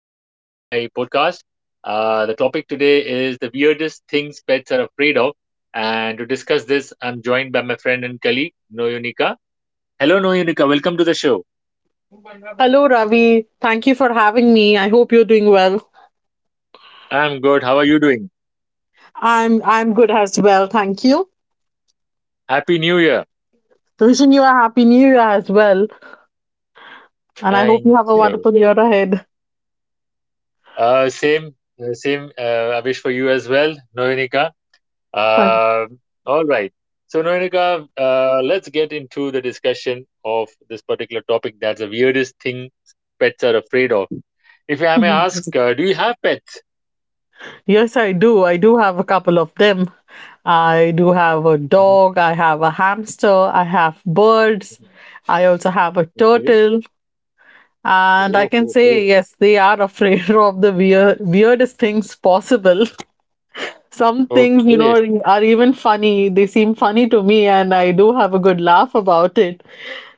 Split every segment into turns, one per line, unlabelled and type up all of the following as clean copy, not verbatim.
my podcast. The topic today is the weirdest things pets are afraid of. And to discuss this, I'm joined by my friend and colleague, Noyunika. Hello, Noyunika. Welcome to the show.
Hello, Ravi. Thank you for having me. I hope you're doing well.
I'm good. How are you doing?
I'm good as well. Thank you.
Happy New Year.
Wishing you a happy new year as well, and I hope you
Thank
have a
you.
wonderful year ahead.
Same, same. I wish for you as well, Noyunika.
Thank-
Um, all right. So, Noenika, let's get into the discussion of this particular topic. That's the weirdest thing pets are afraid of. If I may ask, do you have pets?
Yes, I do. I do have a couple of them. I do have a
Mhm,
dog. I have a hamster. I have birds.
mhm.
I also have a
Okay.
turtle. And I
Oh,
can
oh,
say,
oh.
yes, they are afraid of the weirdest things possible. Some things, you
Okay.
know, are even funny. They seem funny to me, and I do have a good laugh about it.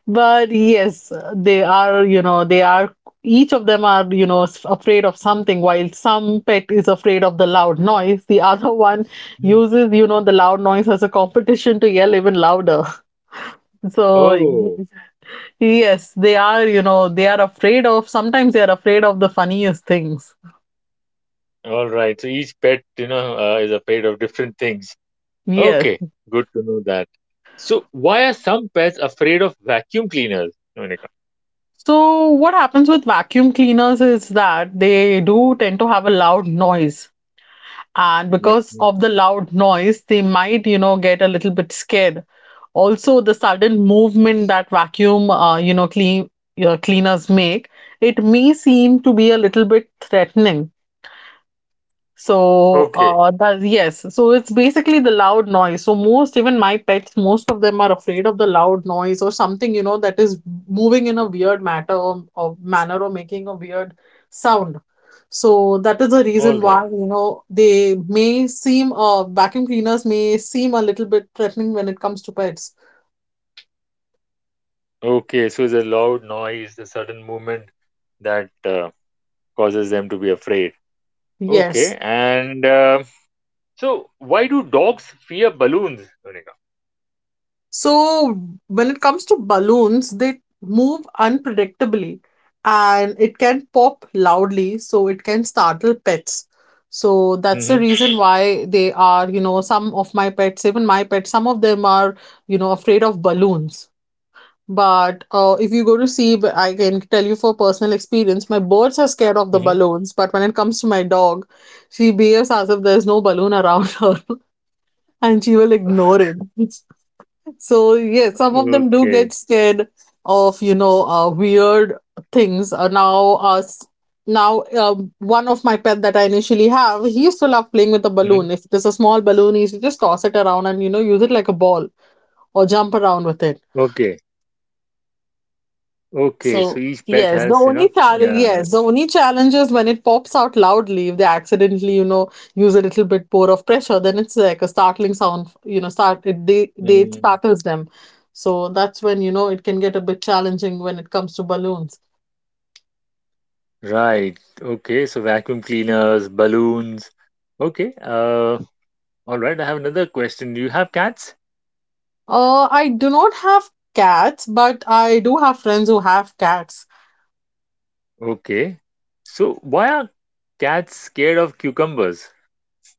But yes, they are, you know, they are, each of them are, you know, afraid of something. While some pet is afraid of the loud noise, the other one
Mm.
uses, you know, the loud noise as a competition to yell even louder. So,
Oh,
yes, they are afraid of, sometimes they are afraid of the funniest things.
all right. So each pet, you know, is afraid of different things.
Yes.
Okay. Good to know that. So, why are some pets afraid of vacuum cleaners, Noenika?
So, what happens with vacuum cleaners is that they do tend to have a loud noise. And
Yeah.
because
Mm.
of the loud noise, they might, you know, get a little bit scared. Also, the sudden movement that vacuum, you know, clean, cleaners make, it may seem to be a little bit threatening. So,
Okay.
yes, so it's basically the loud noise. So, most, even my pets, most of them are afraid of the loud noise or something, you know, that is moving in a weird matter or manner or making a weird sound. So, that is the
All
reason
right.
why, you know, vacuum cleaners may seem a little bit threatening when it comes to pets.
Okay, so it's a loud noise, a sudden movement that causes them to be afraid. Okay,
Yes.
and so why do dogs fear balloons? Monica?
So when it comes to balloons, they move unpredictably and it can pop loudly, so it can startle pets. So that's the
Mm-hmm.
reason why they are, you know, some of my pets, even my pets, some of them are, you know, afraid of balloons. But if you go to see, I can tell you for personal experience, my birds are scared of the
Mm-hmm.
balloons. But when it comes to my dog, she behaves as if there's no balloon around her and she will ignore it. So yeah, some of them do
Okay.
get scared of you know weird things. Now us now one of my pet that I initially have, he used to love playing with a
Hmm.
balloon. If it is a small balloon, he used to just toss it around and you know use it like a ball or jump around with it.
Okay. Okay. So
So,
each pet
yes,
has, you know, yeah.
yes, the only challenge is when it pops out loudly, if they accidentally, you know, use a little bit more of pressure, then it's like a startling sound, you know, start it they it
Mm.
startles them. So that's when, you know, it can get a bit challenging when it comes to balloons.
Right. Okay. So vacuum cleaners, balloons. Okay. all right. I have another question. Do you have cats?
I do not have cats, but I do have friends who have cats.
Okay. So why are cats scared of cucumbers?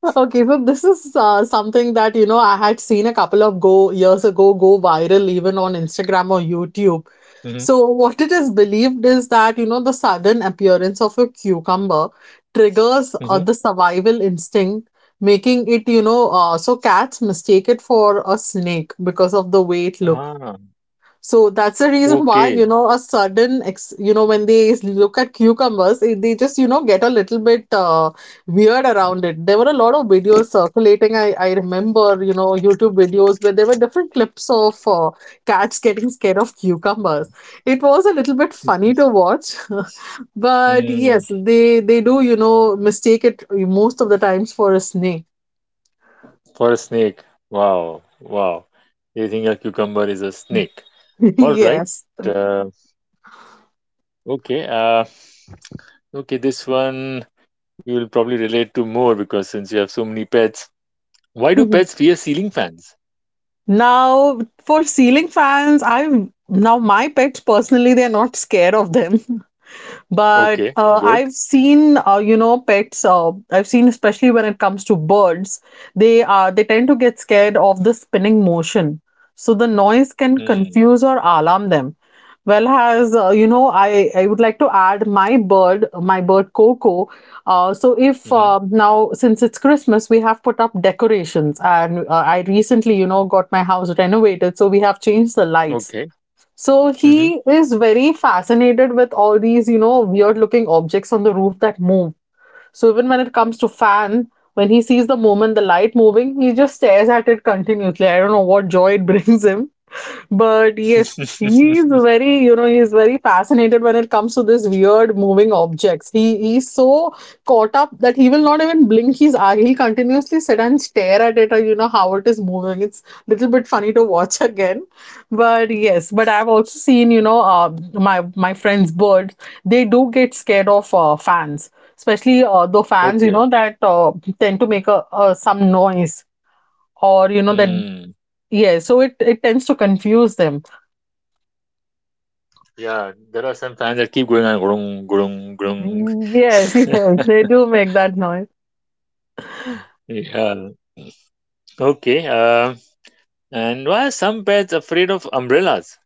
Okay, so this is something that you know I had seen a couple of go years ago go viral even on Instagram or YouTube.
Mm-hmm.
So, what it is believed is that, you know, the sudden appearance of a cucumber triggers the survival instinct, making it, you know, so cats mistake it for a snake because of the way it looks.
Ah,
So that's the reason why,
okay.
you know, when they look at cucumbers, they just, you know, get a little bit weird around it. There were a lot of videos circulating. I remember, you know, YouTube videos where there were different clips of cats getting scared of cucumbers. It was a little bit funny to watch, but
Hmm.
yes, they do, you know, mistake it most of the times for a snake.
For a snake. Wow, wow. They think a cucumber is a snake. All right.
Yes.
Uh, okay. Uh, okay. This one you will probably relate to more because since you have so many pets, why do pets fear ceiling fans?
Now, for ceiling fans, I now my pets personally, they're not scared of them. But
Okay. Good.
I've seen, you know, pets. I've seen, especially when it comes to birds, they tend to get scared of the spinning motion. So the noise can
Hmm.
confuse or alarm them. Well, has you know, I would like to add my bird Coco. So if
Mm-hmm.
now since it's Christmas, we have put up decorations, and I recently, you know, got my house renovated, so we have changed the lights.
Okay.
So
Mm-hmm.
he is very fascinated with all these, you know, weird looking objects on the roof that move. So even when it comes to fan, when he sees the moment the light moving, he just stares at it continuously. I don't know what joy it brings him. But yes, he's very, you know, he's very fascinated when it comes to this weird moving objects. He's so caught up that he will not even blink his eye. He'll continuously sit and stare at it or you know how it is moving. It's a little bit funny to watch again. But yes, but I've also seen, you know, my friend's birds, they do get scared of fans, especially the fans you
Okay.
know that tend to make a some noise or you know that
Hmm.
yeah, so it tends to confuse them.
Yeah, there are some fans that keep going on grung grung grung.
Mm, yes, yes, they do make that noise.
Yeah. Okay. And why are some pets afraid of umbrellas?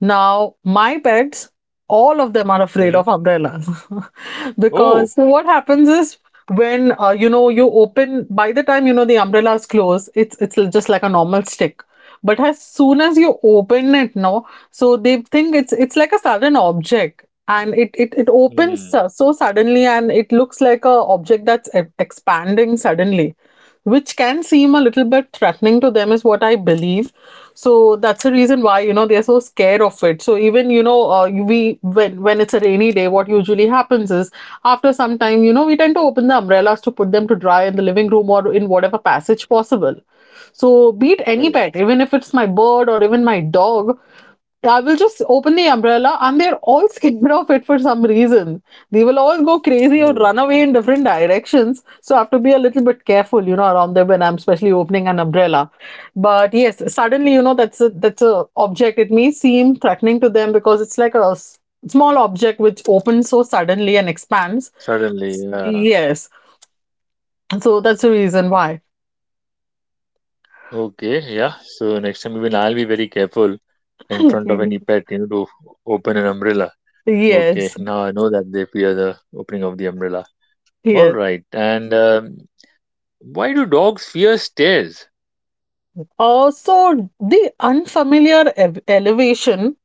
Now, my pets, all of them are afraid of
Hmm.
umbrellas
Oh,
because so what happens is when you know you open by the time you know the umbrella is closed, it's just like a normal stick. But as soon as you open it, no, so they think it's like a sudden object, and it opens
mm,
so suddenly, and it looks like a object that's expanding suddenly, which can seem a little bit threatening to them, is what I believe. So that's the reason why you know they're so scared of it. So even you know we when it's a rainy day, what usually happens is after some time you know we tend to open the umbrellas to put them to dry in the living room or in whatever passage possible. So be it any
correct.
pet, even if it's my bird or even my dog, I will just open the umbrella, and they're all scared of it for some reason. They will all go crazy or
Oh,
run away in different directions. So I have to be a little bit careful, you know, around them when I'm especially opening an umbrella. But yes, suddenly, you know, that's a object. It may seem threatening to them because it's like a small object which opens so suddenly and expands.
certainly, yeah.
Yes, so that's the reason why.
Okay, yeah. So next time even I'll be very careful in front of any pet, you know, to open an umbrella. Okay,
Yes,
now I know that they fear the opening of the umbrella. All
yes.
right. And why do dogs fear stairs?
So the unfamiliar elevation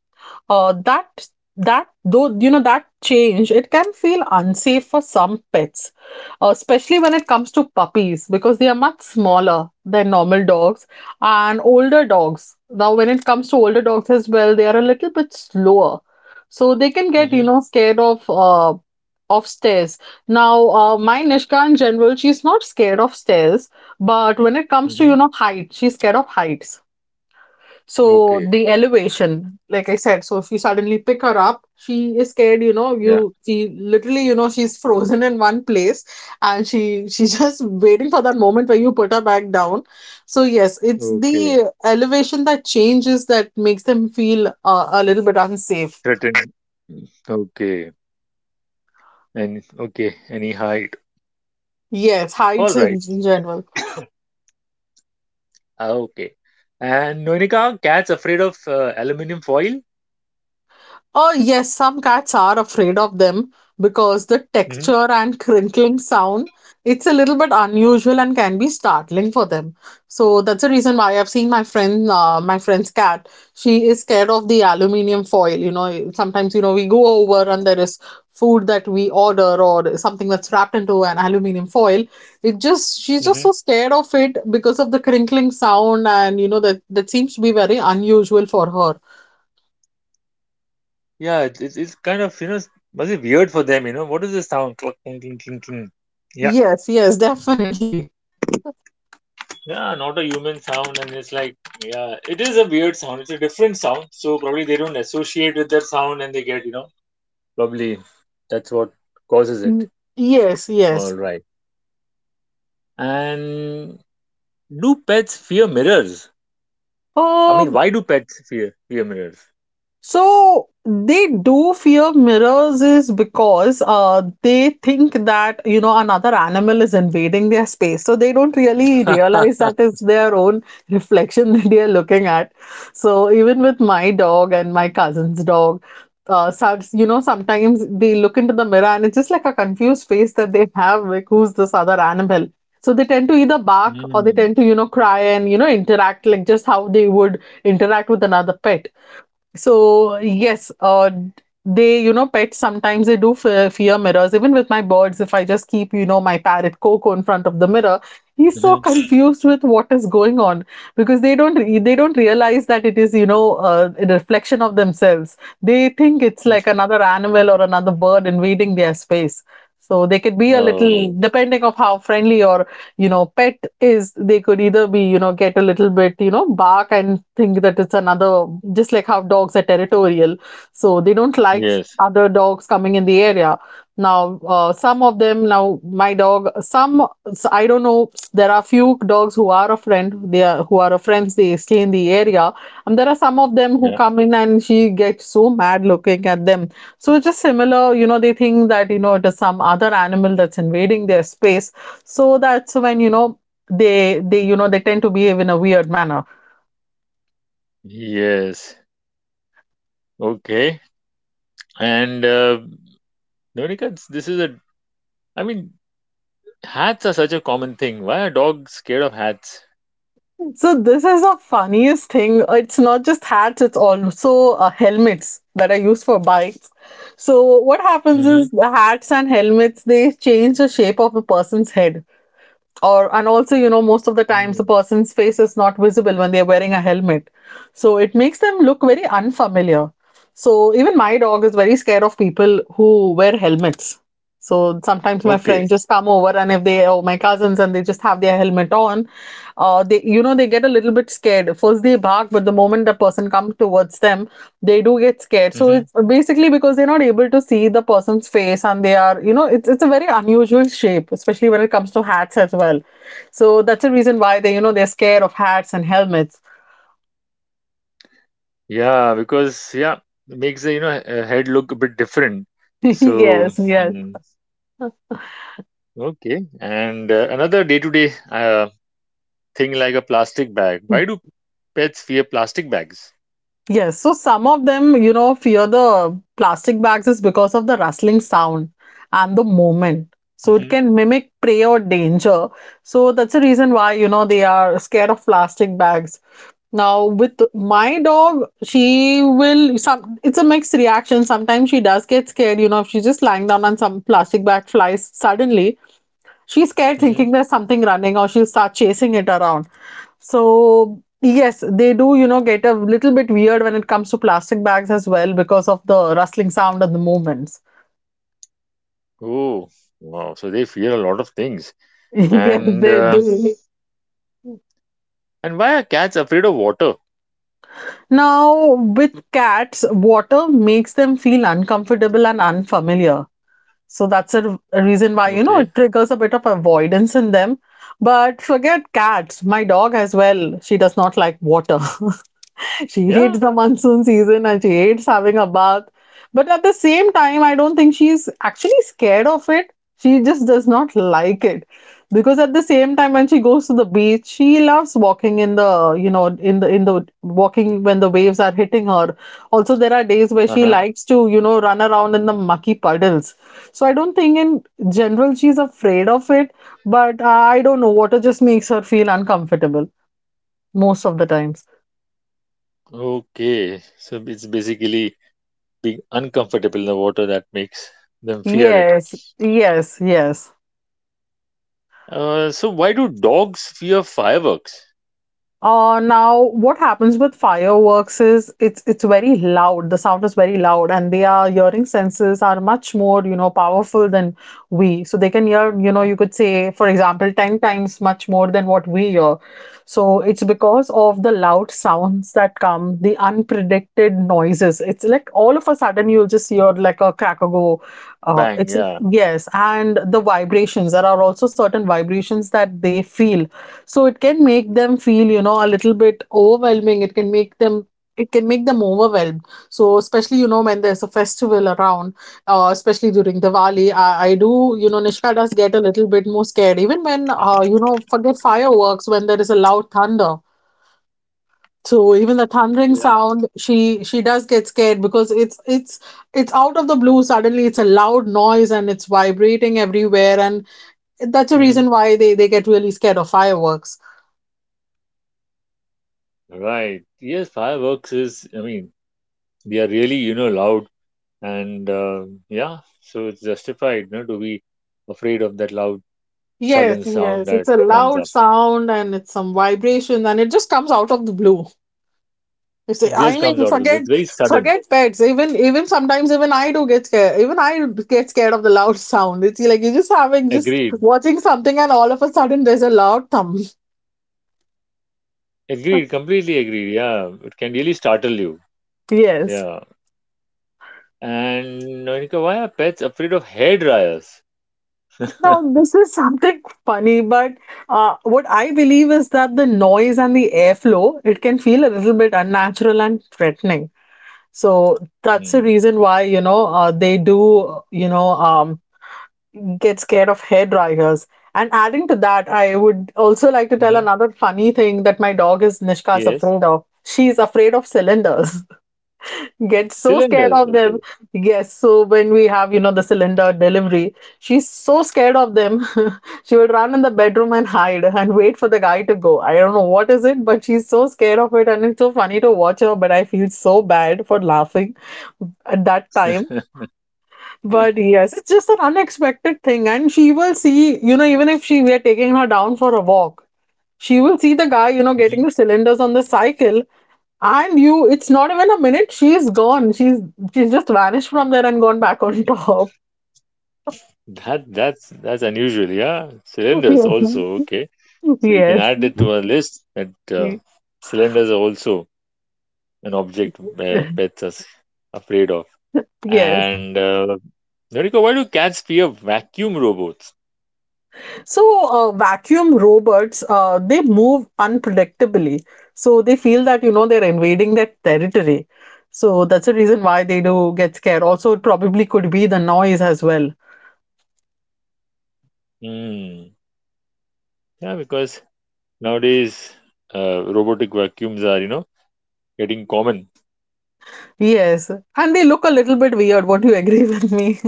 uh, that that though you know that change, it can feel unsafe for some pets, especially when it comes to puppies because they are much smaller than normal dogs and older dogs. Now when it comes to older dogs as well, they are a little bit slower, so they can get you
Mm-hmm.
know scared of stairs. Now my nishka in general she's not scared of stairs, but when it comes to
Mm-hmm.
you know height, she's scared of heights. So
Okay.
the elevation, like I said, so if you suddenly pick her up, she is scared, you know,
Yeah.
you she literally, you know, she's frozen in one place and she's just waiting for that moment where you put her back down. So yes, it's
Okay.
the elevation that changes that makes them feel a little bit unsafe.
Threatened. Okay. And okay. Any height.
Yes,
All
heights in
right.
in general.
Ah, okay. And Nonika, cats afraid of aluminum foil?
Oh, yes, some cats are afraid of them because the
Mm-hmm.
texture and crinkling sound, it's a little bit unusual and can be startling for them. So that's the reason why I've seen my friend's cat. She is scared of the aluminium foil. You know, sometimes, you know, we go over and there is food that we order or something that's wrapped into an aluminium foil. It just, she's just
Mm-hmm.
so scared of it because of the crinkling sound and, you know, that seems to be very unusual for her.
Yeah, it's kind of, you know, must be weird for them, you know. What is this sound? Cluck, clink, clink, clink, clink. Yeah.
Yes, yes, definitely.
Yeah, not a human sound, and it's like, yeah, it is a weird sound. It's a different sound, so probably they don't associate with that sound, and they get, you know, probably that's what causes it.
Mm, yes,
All
yes.
right. And do pets fear mirrors? I mean,
Um,
why do pets fear mirrors?
so they do fear mirrors is because they think that you know another animal is invading their space. So they don't really realize that it's their own reflection that they are looking at. So even with my dog and my cousin's dog, you know sometimes they look into the mirror and it's just like a confused face that they have, like who's this other animal? So they tend to either bark or they
Mm-hmm.
tend to you know cry and you know interact like just how they would interact with another pet. So yes, they you know pets sometimes they do fear mirrors. Even with my birds, if I just keep my parrot Coco in front of the mirror, he's so confused with what is going on because they don't re- they don't realize that it is a reflection of themselves. They think it's like another animal or another bird invading their space. So they could be a little
Oh,
depending of how friendly or pet is, they could either be get a little bit bark and think that it's another, just like how dogs are territorial, so they don't like
yes.
other dogs coming in the area. Now, some of them, now my dog, some, I don't know, there are few dogs who are a friend, they are, who are a friends, they stay in the area, and there are some of them who
Yeah.
come in and she gets so mad looking at them. So, just similar, they think that it is some other animal that's invading their space. So that's when you know they you know they tend to behave in a weird manner.
Yes. Okay. And Nonika, this is a, I mean, hats are such a common thing. Why are dogs scared of hats?
So this is the funniest thing, it's not just hats, it's also helmets that are used for bikes. So what happens is,
Mm-hmm.
the hats and helmets, they change the shape of a person's head or, and also, most of the times the person's face is not visible when they're wearing a helmet, so it makes them look very unfamiliar. So even my dog is very scared of people who wear helmets. So sometimes my
Okay.
friends just come over, and if they, or my cousins, and they just have their helmet on, they they get a little bit scared. First they bark, but the moment the person comes towards them, they do get scared. So
Mm-hmm.
it's basically because they're not able to see the person's face, and they are, it's a very unusual shape, especially when it comes to hats as well. So that's the reason why they they're scared of hats and helmets.
Yeah, because, yeah, it makes the, you know, head look a bit different. So,
Yes, yes.
mm, okay. And another day-to-day thing like a plastic bag. Why do pets fear plastic bags?
Yes, so some of them, fear the plastic bags is because of the rustling sound and the movement. So it
Mm-hmm.
can mimic prey or danger. So that's the reason why, they are scared of plastic bags. Now, with my dog, she will some, it's a mixed reaction. Sometimes she does get scared, if she's just lying down and some plastic bag flies suddenly, she's scared
Mm-hmm.
thinking there's something running, or she'll start chasing it around. So yes, they do get a little bit weird when it comes to plastic bags as well, because of the rustling sound and the movements.
Oh, wow. So they fear a lot of things.
Yes,
And
they
uh,
do.
and why are cats afraid of water?
Now, with cats, water makes them feel uncomfortable and unfamiliar. So that's a reason why, it
Okay.
triggers a bit of avoidance in them. But forget cats, my dog as well, she does not like water. She
Yeah.
hates the monsoon season and she hates having a bath. But at the same time, I don't think she's actually scared of it. She just does not like it. Because at the same time when she goes to the beach, she loves walking in the, in the walking when the waves are hitting her. Also, there are days where she
Uh-huh.
likes to, run around in the mucky puddles. So I don't think in general she's afraid of it, but I don't know, water just makes her feel uncomfortable most of the times.
Okay. So it's basically being uncomfortable in the water that makes them fear it.
Yes, yes, yes.
So why do dogs fear fireworks?
Now, what happens with fireworks is, it's very loud. The sound is very loud, and their hearing senses are much more, powerful than we. So they can hear, you could say, for example, 10 times much more than what we hear. So it's because of the loud sounds that come, the unpredicted noises. It's like all of a sudden you'll just hear like a crack a go. Uh,
Bang.
it's
Yeah.
yes, and the vibrations. There are also certain vibrations that they feel, so it can make them feel, a little bit overwhelming. It can make them, overwhelmed. So especially, when there's a festival around, especially during Diwali, I do, Nishka does get a little bit more scared. Even when,
Mhm.
forget fireworks, when there is a loud thunder. So even the thundering
Yeah.
sound, she does get scared because it's out of the blue. Suddenly, it's a loud noise and it's vibrating everywhere, and that's a
Hmm.
reason why they get really scared of fireworks.
Right. Yes, fireworks is. I mean, they are really, you know, loud, and yeah. So it's justified, you know, to be afraid of that loud
Yes,
sudden sound
yes.
that
It's a
comes
loud
up.
sound and it's some vibrations and it just comes out of the blue. You say,
It
I
just comes
mean,
out of the blue.
forget
It's very sudden.
forget pets. Even sometimes even I do get scared. Even I get scared of the loud sound. It's like you're just having, just
Agreed.
watching something and all of a sudden there's a loud thump.
Agreed, completely agreed. Yeah, it can really startle you.
Yes.
Yeah. And Nonika, why are pets afraid of hair dryers?
Now, this is something funny, but what I believe is that the noise and the airflow, it can feel a little bit unnatural and threatening. So that's the
Hmm.
reason why, they do, get scared of hair dryers. And adding to that, I would also like to tell
Hmm.
another funny thing that my dog is, Nishka's
Yes.
afraid of. She's afraid of cylinders, get so scared
Cylinders.
of them.
Okay.
Yes, so when we have, the cylinder delivery, she's so scared of them. She would run in the bedroom and hide and wait for the guy to go. I don't know what is it, but she's so scared of it, and it's so funny to watch her, but I feel so bad for laughing at that time. But yes, it's just an unexpected thing. And she will see, even if she, we are taking her down for a walk, she will see the guy, getting
Mhm.
the cylinders on the cycle, and you, it's not even a minute, she's gone. She's just vanished from there and gone back on top.
That's unusual. Yeah. Cylinders also. Okay. So we can
Yes.
add it to our list that
Yes.
cylinders are also an object pets are afraid of.
Yes.
And Noriko, why do cats fear vacuum robots?
So, vacuum robots, they move unpredictably. So they feel that, they're invading their territory. So that's the reason why they do get scared. Also, it probably could be the noise as well.
Hmm. Yeah, because nowadays, robotic vacuums are, you know, getting common.
Yes. And they look a little bit weird. Won't you agree with me?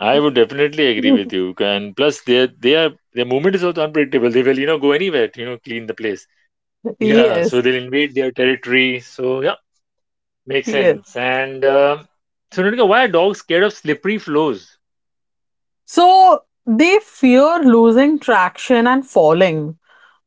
I would definitely agree with you. And plus, their they are their movement is also unpredictable. They will, you know, go anywhere to, you know, clean the place. Yeah, so
Yes.
they'll invade their territory. So yeah, makes
Yes.
sense. And so, Nitika, why are dogs scared of slippery floors?
So they fear losing traction and falling,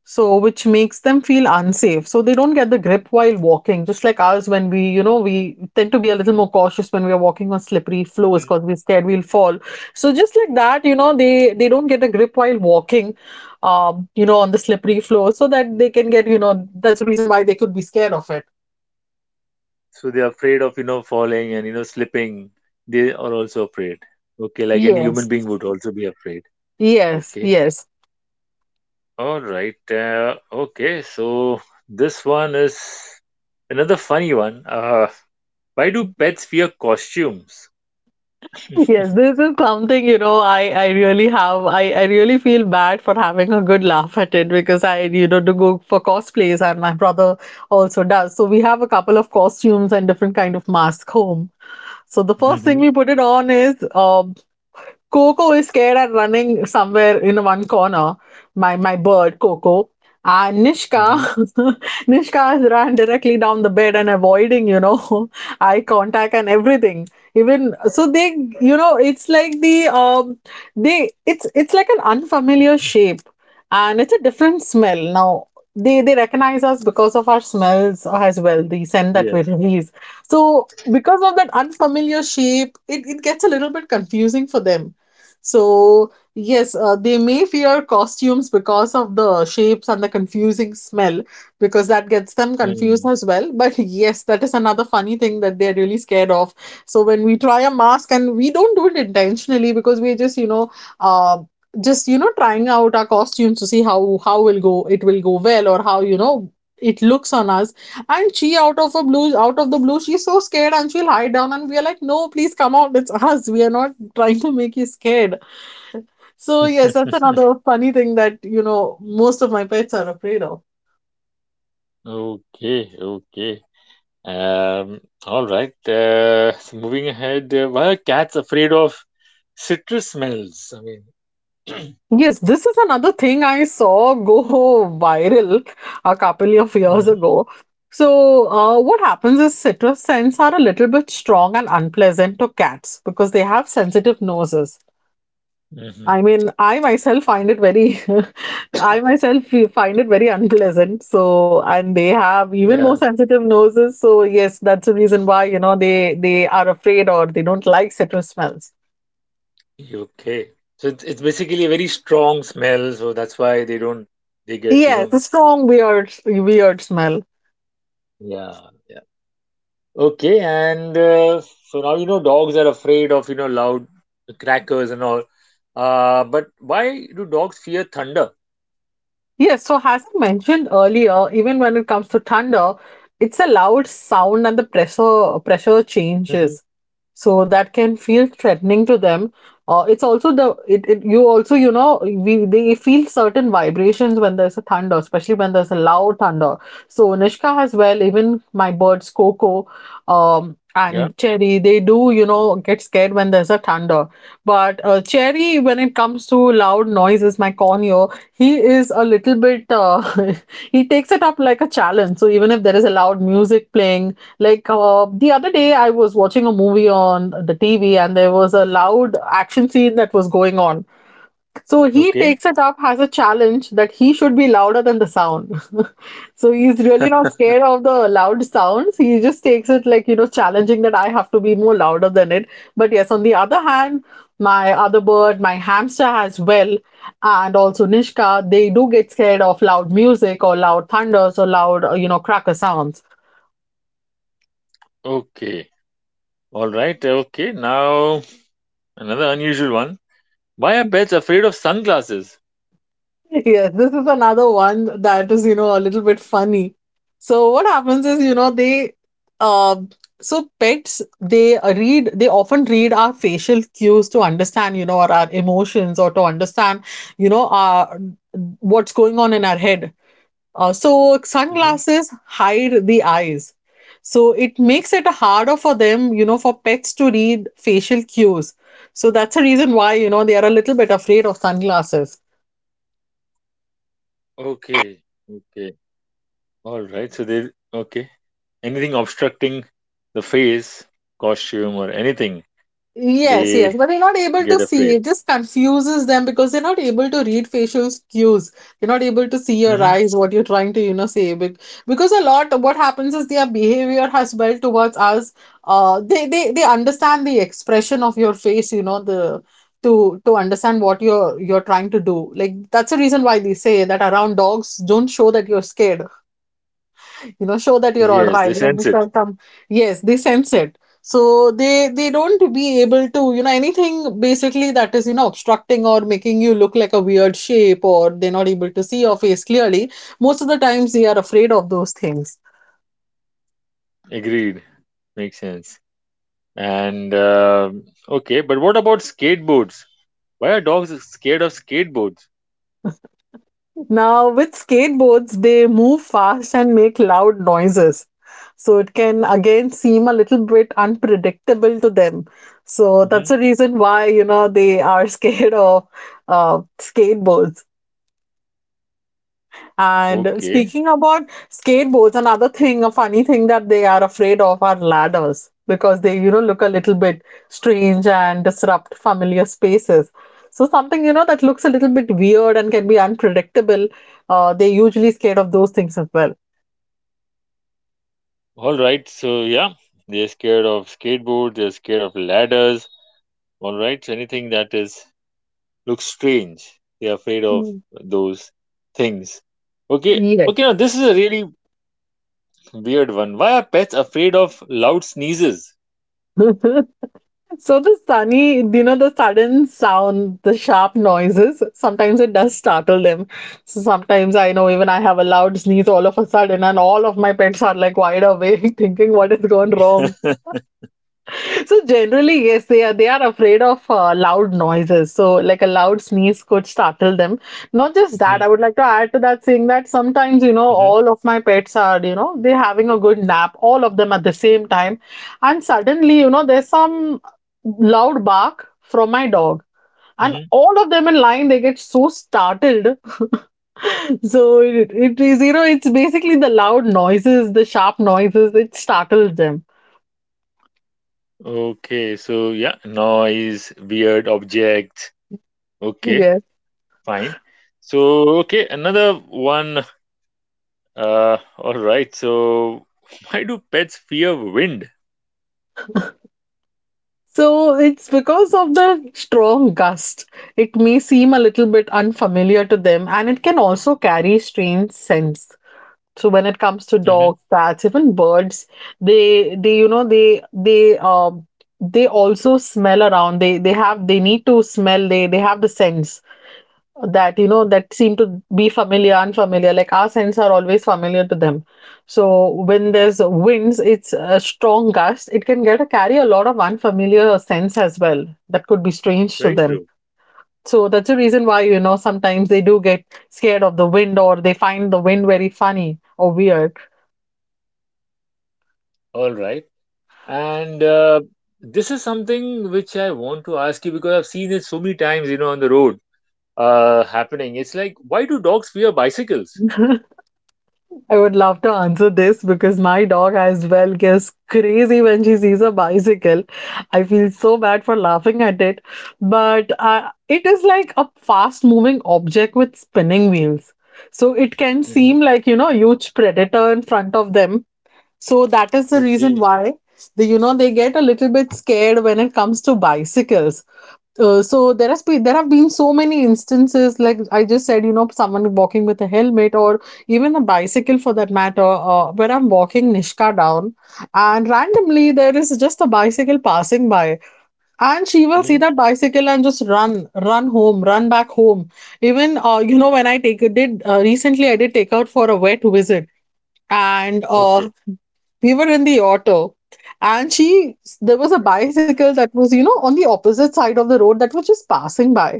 so which makes them feel unsafe. So they don't get the grip while walking, just like us when we, we tend to be a little more cautious when we are walking on slippery floors
Mhm.
because we're scared we'll fall. So just like that, they don't get a grip while walking, on the slippery floor, so that they can get, that's the reason why they could be scared of it.
So they are afraid of, you know, falling and, you know, slipping. They are also afraid. Okay, like any human
Yes.
being would also be afraid.
Yes,
Okay.
yes.
All right. Okay. So this one is another funny one. Why do pets wear costumes?
Yes, this is something, I really have, I really feel bad for having a good laugh at it, because I, do go for cosplays, and my brother also does. So we have a couple of costumes and different kind of masks home. So the first
Mm-hmm.
thing we put it on is, um, Coco is scared and running somewhere in one corner. My bird, Coco. And
Mm-hmm.
Nishka, Nishka has run directly down the bed and avoiding, eye contact and everything. Even so, they, it's like the they, it's like an unfamiliar shape, and it's a different smell. Now they recognize us because of our smells as well, the scent that we
Yes.
release. So because of that unfamiliar shape, it gets a little bit confusing for them. So, yes, they may fear costumes because of the shapes and the confusing smell, because that gets them confused
Mm.
as well. But yes, that is another funny thing that they're really scared of. So, when we try a mask, and we don't do it intentionally because we're just, uh, trying out our costumes to see how will go it will go well, or how it looks on us, and she, out of the blue, she's so scared, and she'll hide down, and we are like, no, please come out, it's us, we are not trying to make you scared. So yes, that's another funny thing that, most of my pets are afraid of.
Okay. Okay. All right. So moving ahead. Why are cats afraid of citrus smells? I mean.
Yes, this is another thing I saw go viral a couple of years
Mm-hmm.
ago. What happens is citrus scents are a little bit strong and unpleasant to cats because they have sensitive noses.
Mm-hmm.
I mean, I myself find it very, I myself find it very unpleasant. So, and they have even
Yeah.
more sensitive noses. So, yes, that's the reason why, you know, they are afraid or they don't like citrus smells.
Okay. So it's basically a very strong smell. So that's why they don't. They get, you
Yes,
know.
the strong weird smell.
Yeah. Okay, and so now, you know, dogs are afraid of, you know, loud crackers and all. But why do dogs fear thunder?
Yes, so as I mentioned earlier, even when it comes to thunder, it's a loud sound and the pressure
Mhm.
changes. So that can feel threatening to them. It's also the it, it you also, you know, we they feel certain vibrations when there's a thunder, especially when there's a loud thunder. So Nishka as well, even my birds Coco,
Yeah.
and Cherry, they do, you know, get scared when there's a thunder. But Cherry, when it comes to loud noises, my cornea, he is a little bit, he takes it up like a challenge. So even if there is a loud music playing, like the other day I was watching a movie on the TV and there was a loud action scene that was going on, so he
Okay.
takes it up as a challenge that he should be louder than the sound. So he's really not scared of the loud sounds. He just takes it like, you know, challenging that I have to be more louder than it. But yes, on the other hand, my other bird, my hamster as well, and also Nishka, they do get scared of loud music or loud thunders or loud, you know, cracker sounds.
Okay. All right. Okay. Now another unusual one. Why are pets afraid of sunglasses?
Yes, this is another one that is, you know, a little bit funny. So what happens is, you know, they um so pets, they read they often read our facial cues to understand, you know, or our emotions or to understand, you know, our what's going on in our head. So
Hmm.
sunglasses hide the eyes. So it makes it harder for them, you know, for pets to read facial cues. So that's a reason why, you know, they are a little bit afraid of sunglasses.
Okay. Okay. All right. So they okay. Anything obstructing the face, costume, or anything,
Yes, yes,
they
but they're not able to
get
see.
afraid.
It just confuses them because they're not able to read facial cues. They're not able to see your
Hmm.
eyes, what you're trying to, you know, say. Because a lot, what happens is their behavior as well towards us. They understand the expression of your face, you know, the to understand what you're trying to do. Like, that's the reason why they say that around dogs, don't show that you're scared, you know, show that you're all
Yes, they
right, and
sense
he's
it.
like, yes, they sense it, so they don't be able to, you know, anything basically that is, you know, obstructing or making you look like a weird shape, or they're not able to see your face clearly most of the times they are afraid of those things.
Agreed. Makes sense. And okay, but what about skateboards? Why are dogs scared of skateboards?
Now with skateboards, they move fast and make loud noises, so it can again seem a little bit unpredictable to them. So
Hmm.
that's the reason why, you know, they are scared of skateboards. And
Okay.
speaking about skateboards, another thing, a funny thing that they are afraid of are ladders, because they, you know, look a little bit strange and disrupt familiar spaces. So something, you know, that looks a little bit weird and can be unpredictable, they usually scared of those things as well.
All right. So yeah, they're scared of skateboards. They're scared of ladders. All right. So anything that is looks strange, they're afraid of
Mm.
those things. Okay. Okay. Now this is a really weird one. Why are pets afraid of loud sneezes?
So the sunny, you know, the sudden sound, the sharp noises, sometimes it does startle them. So sometimes I know even I have a loud sneeze all of a sudden, and all of my pets are like wide awake, thinking what is gone wrong. So generally, yes, they are afraid of loud noises. So like a loud sneeze could startle them. Not just
Hmm.
that, I would like to add to that saying that sometimes, you know,
Hmm.
all of my pets are, you know, they're having a good nap, all of them at the same time, and suddenly, you know, there's some loud bark from my dog. And all of them in line, they get so startled. So it is, you know, it's basically the loud noises, the sharp noises, it startles them.
Okay, so yeah, noise, weird objects. Okay,
Yes.
fine. So, okay, another one. All right. So, why do pets fear wind?
So it's because of the strong gust. It may seem a little bit unfamiliar to them, and it can also carry strange scents. So when it comes to
Hmm.
dogs, cats, even birds, they you know, they they also smell around. They have they need to smell. They have the sense that, you know, that seem to be familiar, unfamiliar, like our scents are always familiar to them. So when there's winds, it's a strong gust, it can get carry a lot of unfamiliar scents as well that could be strange to
Very
them.
true.
So that's the reason why, you know, sometimes they do get scared of the wind or they find the wind very funny or weird.
All right. And this is something which I want to ask you because I've seen it so many times, you know, on the road happening. It's like, why do dogs fear bicycles?
I would love to answer this because my dog as well gets crazy when she sees a bicycle. I feel so bad for laughing at it, but it is like a fast moving object with spinning wheels. So it can
Hmm.
seem like, you know, a huge predator in front of them. So that is the reason
Okay.
why the, you know, they get a little bit scared when it comes to bicycles. So there have been so many instances, like I just said, you know, someone walking with a helmet or even a bicycle for that matter, where I'm walking Nishka down, and randomly there is just a bicycle passing by, and she will see
Hmm.
that bicycle and just run back home. Even you know, when I take did recently I did take out for a wet visit, and
Okay.
we were in the auto, and she there was a bicycle that was, you know, on the opposite side of the road that was just passing by.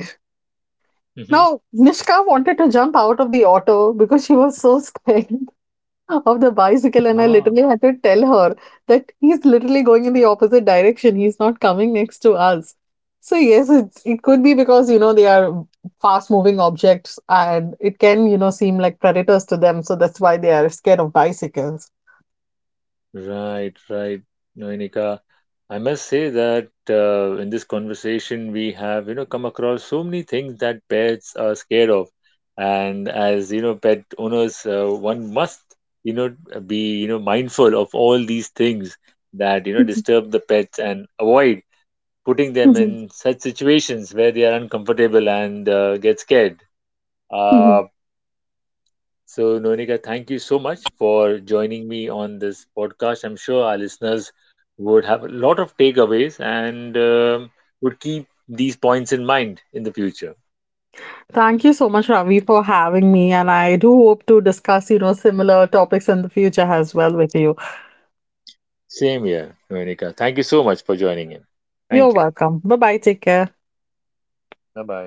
Hmm.
Now Nishka wanted to jump out of the auto because she was so scared of the bicycle, and I
Ah.
literally had to tell her that he's literally going in the opposite direction. He's not coming next to us. So yes, it could be because, you know, they are fast moving objects, and it can, you know, seem like predators to them. So that's why they are scared of bicycles.
Right, right, Noenika. I must say that in this conversation we have, you know, come across so many things that pets are scared of, and as you know, pet owners, one must, you know, be, you know, mindful of all these things that, you know, disturb the pets and avoid putting them in such situations where they are uncomfortable and get scared.
Mhm.
Uh, so, Nonika, thank you so much for joining me on this podcast. I'm sure our listeners would have a lot of takeaways and would keep these points in mind in the future.
Thank you so much, Ravi, for having me, and I do hope to discuss, you know, similar topics in the future as well with you.
Same here, Nonika. Thank you so much for joining in. Thank you.
You're welcome. Bye bye. Take care.
Bye bye.